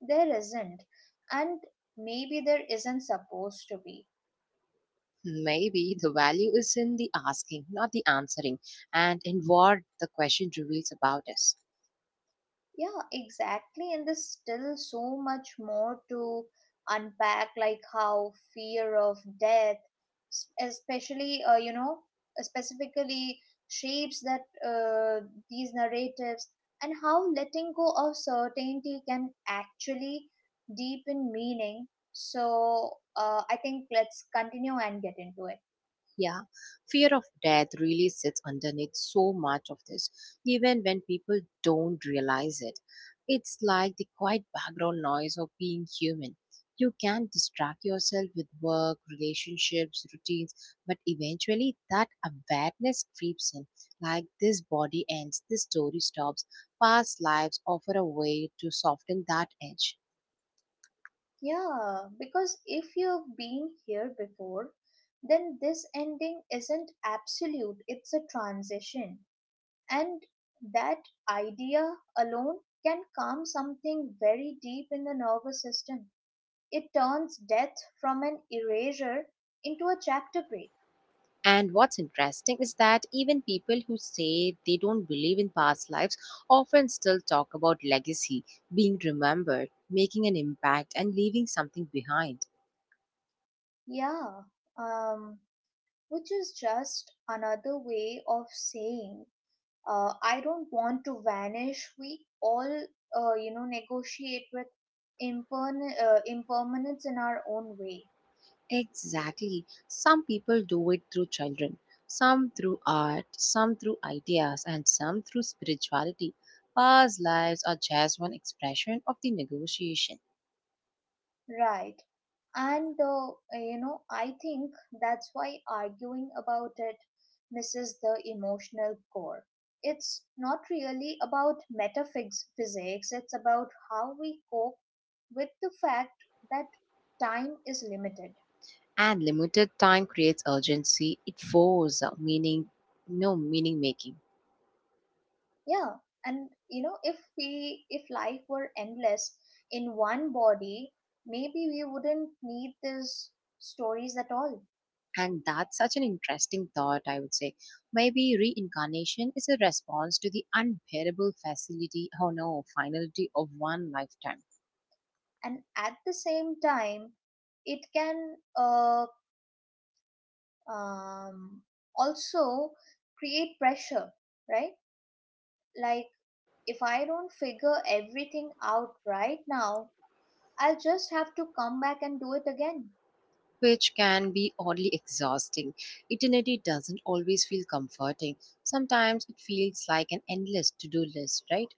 B: There isn't, and maybe there isn't supposed to be.
A: Maybe the value is in the asking, not the answering, and in what the question reveals about us.
B: Yeah, exactly. And there's still so much more to unpack, like how fear of death, s- especially, uh, you know, specifically shapes that uh, these narratives, and how letting go of certainty can actually deepen meaning. So, uh, I think let's continue and get into it.
A: Yeah, fear of death really sits underneath so much of this, even when people don't realize it. It's like the quiet background noise of being human. You can distract yourself with work, relationships, routines, but eventually that awareness creeps in. Like this body ends, this story stops, past lives offer a way to soften that edge.
B: Yeah, because if you've been here before, then this ending isn't absolute, it's a transition. And that idea alone can calm something very deep in the nervous system. It turns death from an erasure into a chapter break.
A: And what's interesting is that even people who say they don't believe in past lives often still talk about legacy, being remembered, making an impact, and leaving something behind.
B: Yeah, um, which is just another way of saying uh, I don't want to vanish. We all, uh, you know, negotiate with imperman- uh, impermanence in our own way,
A: Exactly. Some people do it through children, some through art, some through ideas, and some through spirituality. Past lives are just one expression of the negotiation.
B: right? And, uh, you know, I think that's why arguing about it misses the emotional core. It's not really about metaphysics, physics, it's about how we cope with the fact that time is limited.
A: And limited time creates urgency, it forces meaning, no meaning making.
B: Yeah, and you know, if we if life were endless in one body, maybe we wouldn't need these stories at all.
A: And that's such an interesting thought, I would say. Maybe reincarnation is a response to the unbearable facility, oh no, finality of one lifetime,
B: And at the same time, it can uh, um, also create pressure, right? Like if I don't figure everything out right now, I'll just have to come back and do it again.
A: which can be oddly exhausting. Eternity doesn't always feel comforting. Sometimes it feels like an endless to do list, right?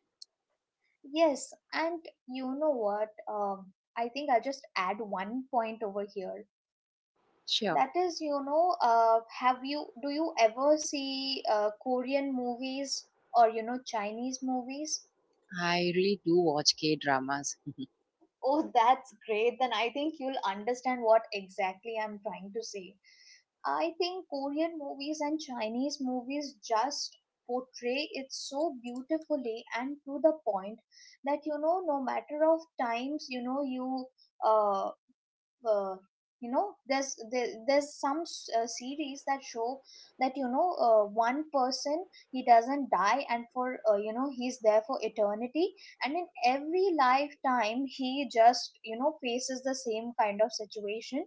B: Yes, and you know what? Um, I think I'll just add one point over here.
A: Sure.
B: That is, you know, uh, have you do you ever see uh, Korean movies or you know Chinese movies?
A: I really do watch K dramas.
B: Oh, that's great. Then I think you'll understand what exactly I'm trying to say. I think Korean movies and Chinese movies just portray it so beautifully and to the point that you know no matter of times you know you uh, uh, you know there's there, there's some s- uh, series that show that you know uh, one person he doesn't die and for uh, you know he's there for eternity and in every lifetime he just you know faces the same kind of situation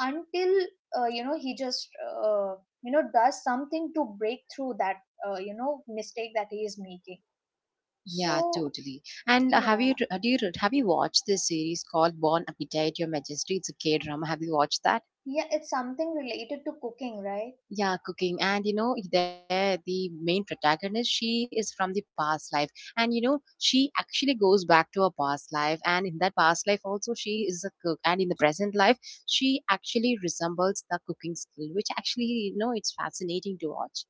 B: until uh, you know he just uh, you know does something to break through that uh, you know mistake that he is making
A: Yeah,
B: so
A: totally. And have
B: yeah.
A: you, uh, do you have you watched this series called Born Appetite Your Majesty? It's a K drama. Have you watched that?
B: Yeah, it's something related to cooking, right?
A: Yeah, cooking. And you know, there the main protagonist, she is from the past life. And you know, she actually goes back to her past life. And in that past life also she is a cook. And in the present life, she actually resembles the cooking skill, which actually, you know, it's fascinating to watch.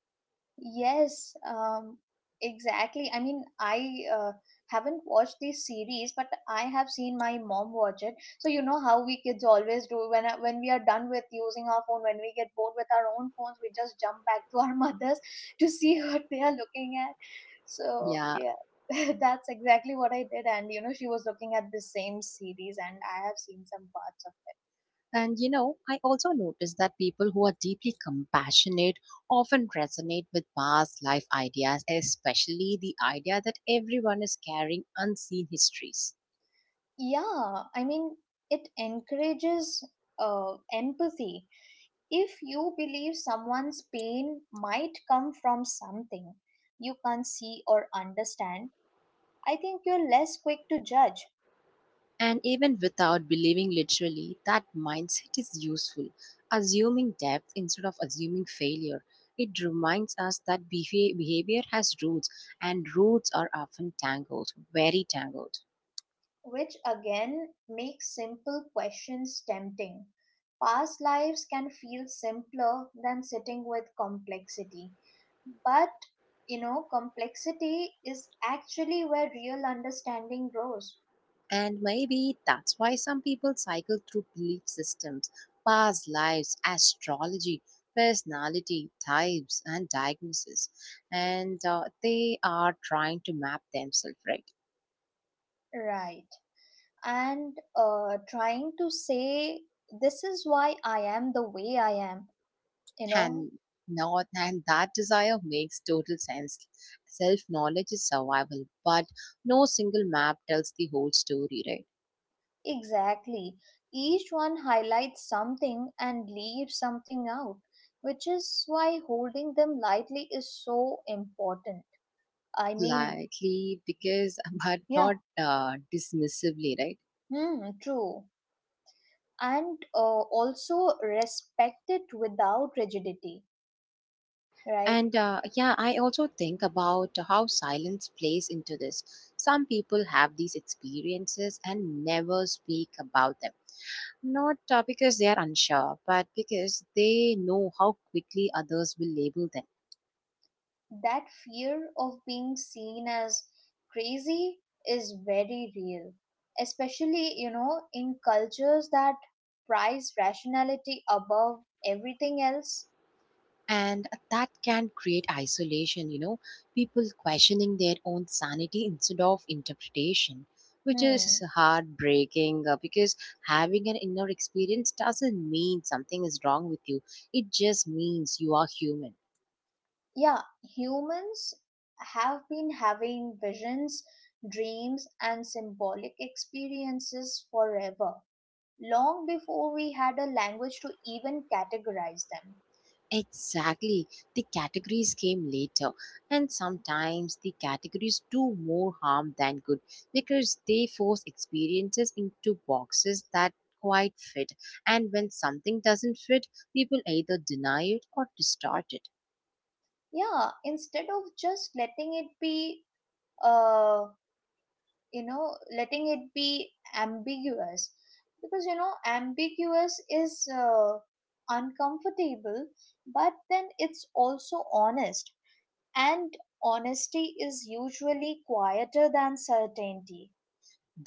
B: Yes, um, exactly. I mean, I uh, haven't watched this series, but I have seen my mom watch it. So you know how we kids always do when uh, when we are done with using our phone, when we get bored with our own phones, we just jump back to our mothers to see what they are looking at. So
A: Yeah.
B: yeah, that's exactly what I did. And you know, she was looking at the same series, and I have seen some parts of
A: And you know, I also noticed that people who are deeply compassionate often resonate with past life ideas, especially the idea that everyone is carrying unseen histories.
B: it. Yeah, I mean, it encourages uh, empathy. If you believe someone's pain might come from something you can't see or understand, I think you're less quick to judge,
A: And even without believing literally, that mindset is useful. Assuming depth instead of assuming failure. It reminds us that behav- behavior has roots, and roots are often tangled, very tangled.
B: which again makes simple questions tempting. Past lives can feel simpler than sitting with complexity. But, you know, complexity is actually where real understanding grows.
A: And maybe that's why some people cycle through belief systems, past lives, astrology, personality, types, and diagnosis. And uh, they are trying to map themselves, right?
B: Right. And uh, trying to say, this is why I am the way I am. You know,
A: And not and that desire makes total sense. Self knowledge is survival, but no single map tells the whole story, right?
B: exactly. Each one highlights something and leaves something out, which is why holding them lightly is so important. I mean,
A: Likely, because but
B: yeah,
A: not uh, dismissively, right?
B: hmm, true. And uh, also respect it without rigidity, right?
A: And uh, yeah, I also think about how silence plays into this. Some people have these experiences and never speak about them. Not uh, because they are unsure, but because they know how quickly others will label them,
B: That fear of being seen as crazy is very real, especially, you know, in cultures that prize rationality above everything else.
A: and that can create isolation, you know, people questioning their own sanity instead of interpretation, which is
B: Hmm.
A: heartbreaking uh, because having an inner experience doesn't mean something is wrong with you. It just means you are human.
B: Yeah, humans have been having visions, dreams, and symbolic experiences forever, long before we had a language to even categorize them.
A: Exactly. The categories came later, and sometimes the categories do more harm than good because they force experiences into boxes that quite fit. And when something doesn't fit, people either deny it or distort it.
B: Yeah, instead of just letting it be, uh, you know, letting it be ambiguous, because you know, ambiguous is uh, uncomfortable, but then it's also honest. And honesty is usually quieter than certainty,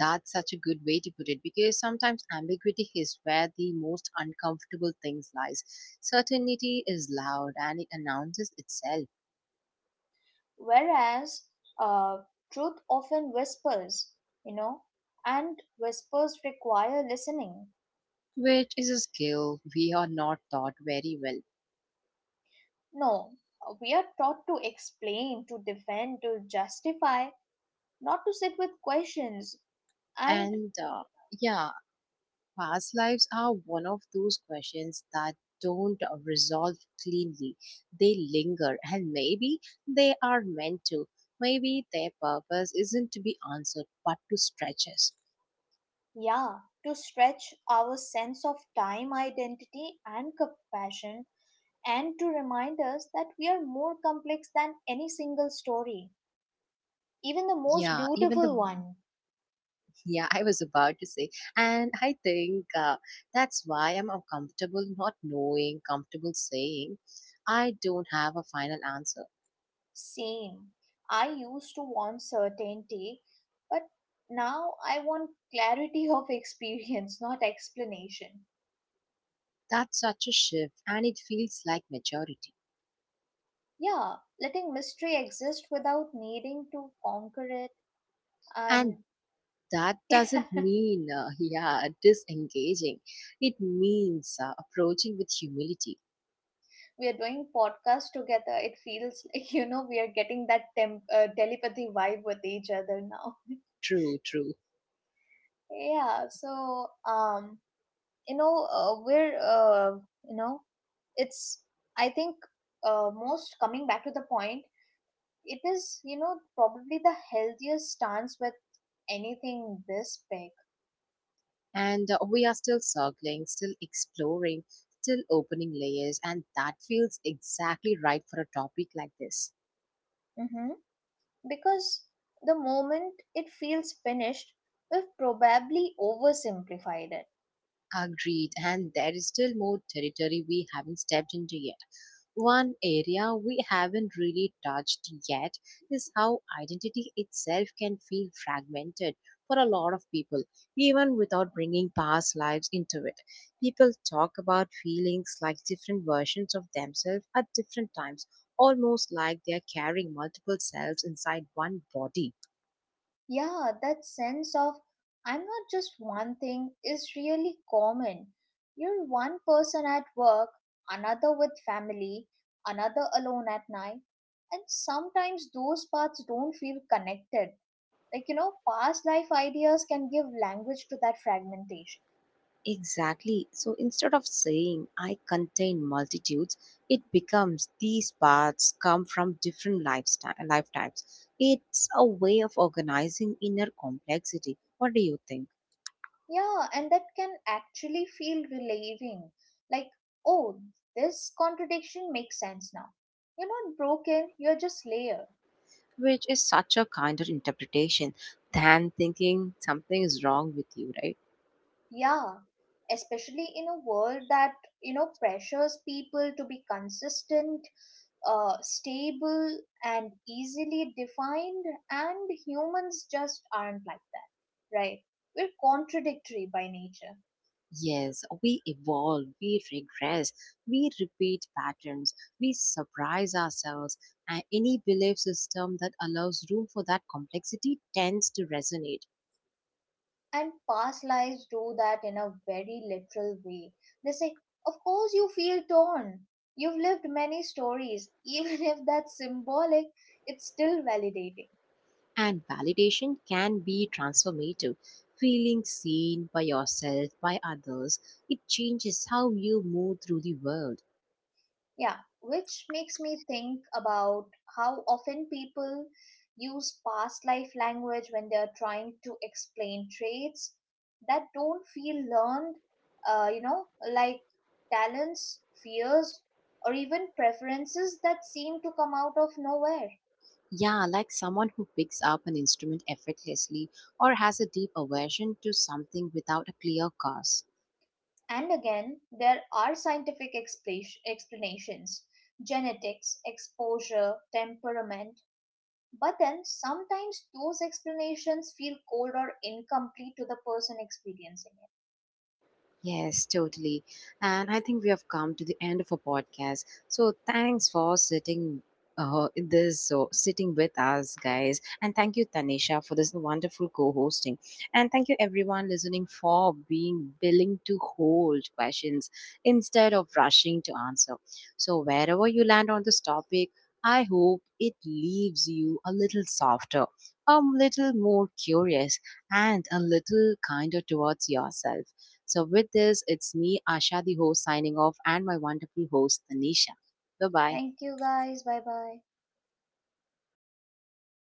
A: That's such a good way to put it, because sometimes ambiguity is where the most uncomfortable things lies. Certainty is loud and it announces itself,
B: whereas uh, truth often whispers, you know, and whispers require listening.
A: which is a skill we are not taught very well.
B: No, we are taught to explain, to defend, to justify, not to sit with questions, and
A: And uh, yeah, past lives are one of those questions that don't uh, resolve cleanly. They linger, and maybe they are meant to. Maybe their purpose isn't to be answered, but to stretch us.
B: yeah, to stretch our sense of time, identity, and compassion, and to remind us that we are more complex than any single story, even the most
A: Yeah, even the
B: beautiful one.
A: yeah, I was about to say, and I think uh, that's why I'm uncomfortable not knowing, comfortable saying I don't have a final answer.
B: Same. I used to want certainty, but now I want clarity of experience, not explanation.
A: That's such a shift, and it feels like maturity.
B: Yeah, letting mystery exist without needing to conquer it.
A: And
B: And
A: that
B: we
A: doesn't mean, uh, yeah, disengaging. It means uh, approaching with humility.
B: are doing podcast together. It feels like, you know, we are getting that temp- uh, telepathy vibe with each other now.
A: True, true.
B: Yeah, so um, you know uh, we're uh, you know it's I think uh, most coming back to the point, it is you know probably the healthiest stance with anything this big.
A: And uh, we are still circling, still exploring, still opening layers, and that feels exactly right for a topic like this.
B: Hmm, because the moment it feels finished, we've probably oversimplified it.
A: Agreed, and there is still more territory we haven't stepped into yet. One area we haven't really touched yet is how identity itself can feel fragmented for a lot of people, even without bringing past lives into it. People talk about feelings like different versions of themselves at different times, almost like they are carrying multiple selves inside one body.
B: Yeah, that sense of I'm not just one thing is really common. You're one person at work, another with family, another alone at night, and sometimes those parts don't feel connected. Like, you know, past life ideas can give language to that fragmentation.
A: Exactly. So instead of saying I contain multitudes, it becomes these paths come from different lifestyle life types. It's a way of organizing inner complexity. What do you think?
B: Yeah, and that can actually feel relieving. Like, oh, this contradiction makes sense now. You're not broken, you're just layered.
A: Which is such a kinder interpretation than thinking something is wrong with you, right?
B: Yeah, especially in a world that, you know, pressures people to be consistent, uh, stable, and easily defined, and humans just aren't like that, right? We're contradictory by nature.
A: Yes, we evolve, we regress, we repeat patterns, we surprise ourselves, and any belief system that allows room for that complexity tends to resonate.
B: And past lives do that in a very literal way. They say, of course, you feel torn. You've lived many stories. Even if that's symbolic, it's still validating.
A: And validation can be transformative. Feeling seen by yourself, by others, it changes how you move through the world.
B: Yeah, which makes me think about how often people use past life language when they are trying to explain traits that don't feel learned, uh, you know, like talents, fears, or even preferences that seem to come out of nowhere.
A: Yeah, like someone who picks up an instrument effortlessly or has a deep aversion to something without a clear cause.
B: And again, there are scientific expla- explanations, genetics, exposure, temperament. But then sometimes those explanations feel cold or incomplete to the person experiencing it.
A: Yes, totally. And I think we have come to the end of our podcast. So thanks for sitting uh, in this so sitting with us, guys, and thank you, Tanisha, for this wonderful co-hosting, and thank you everyone listening for being willing to hold questions instead of rushing to answer. So wherever you land on this topic, I hope it leaves you a little softer, a little more curious, and a little kinder towards yourself. So, with this, it's me, Asha, the host, signing off, and my wonderful host, Tanisha. Bye bye.
B: Thank you guys. Bye bye.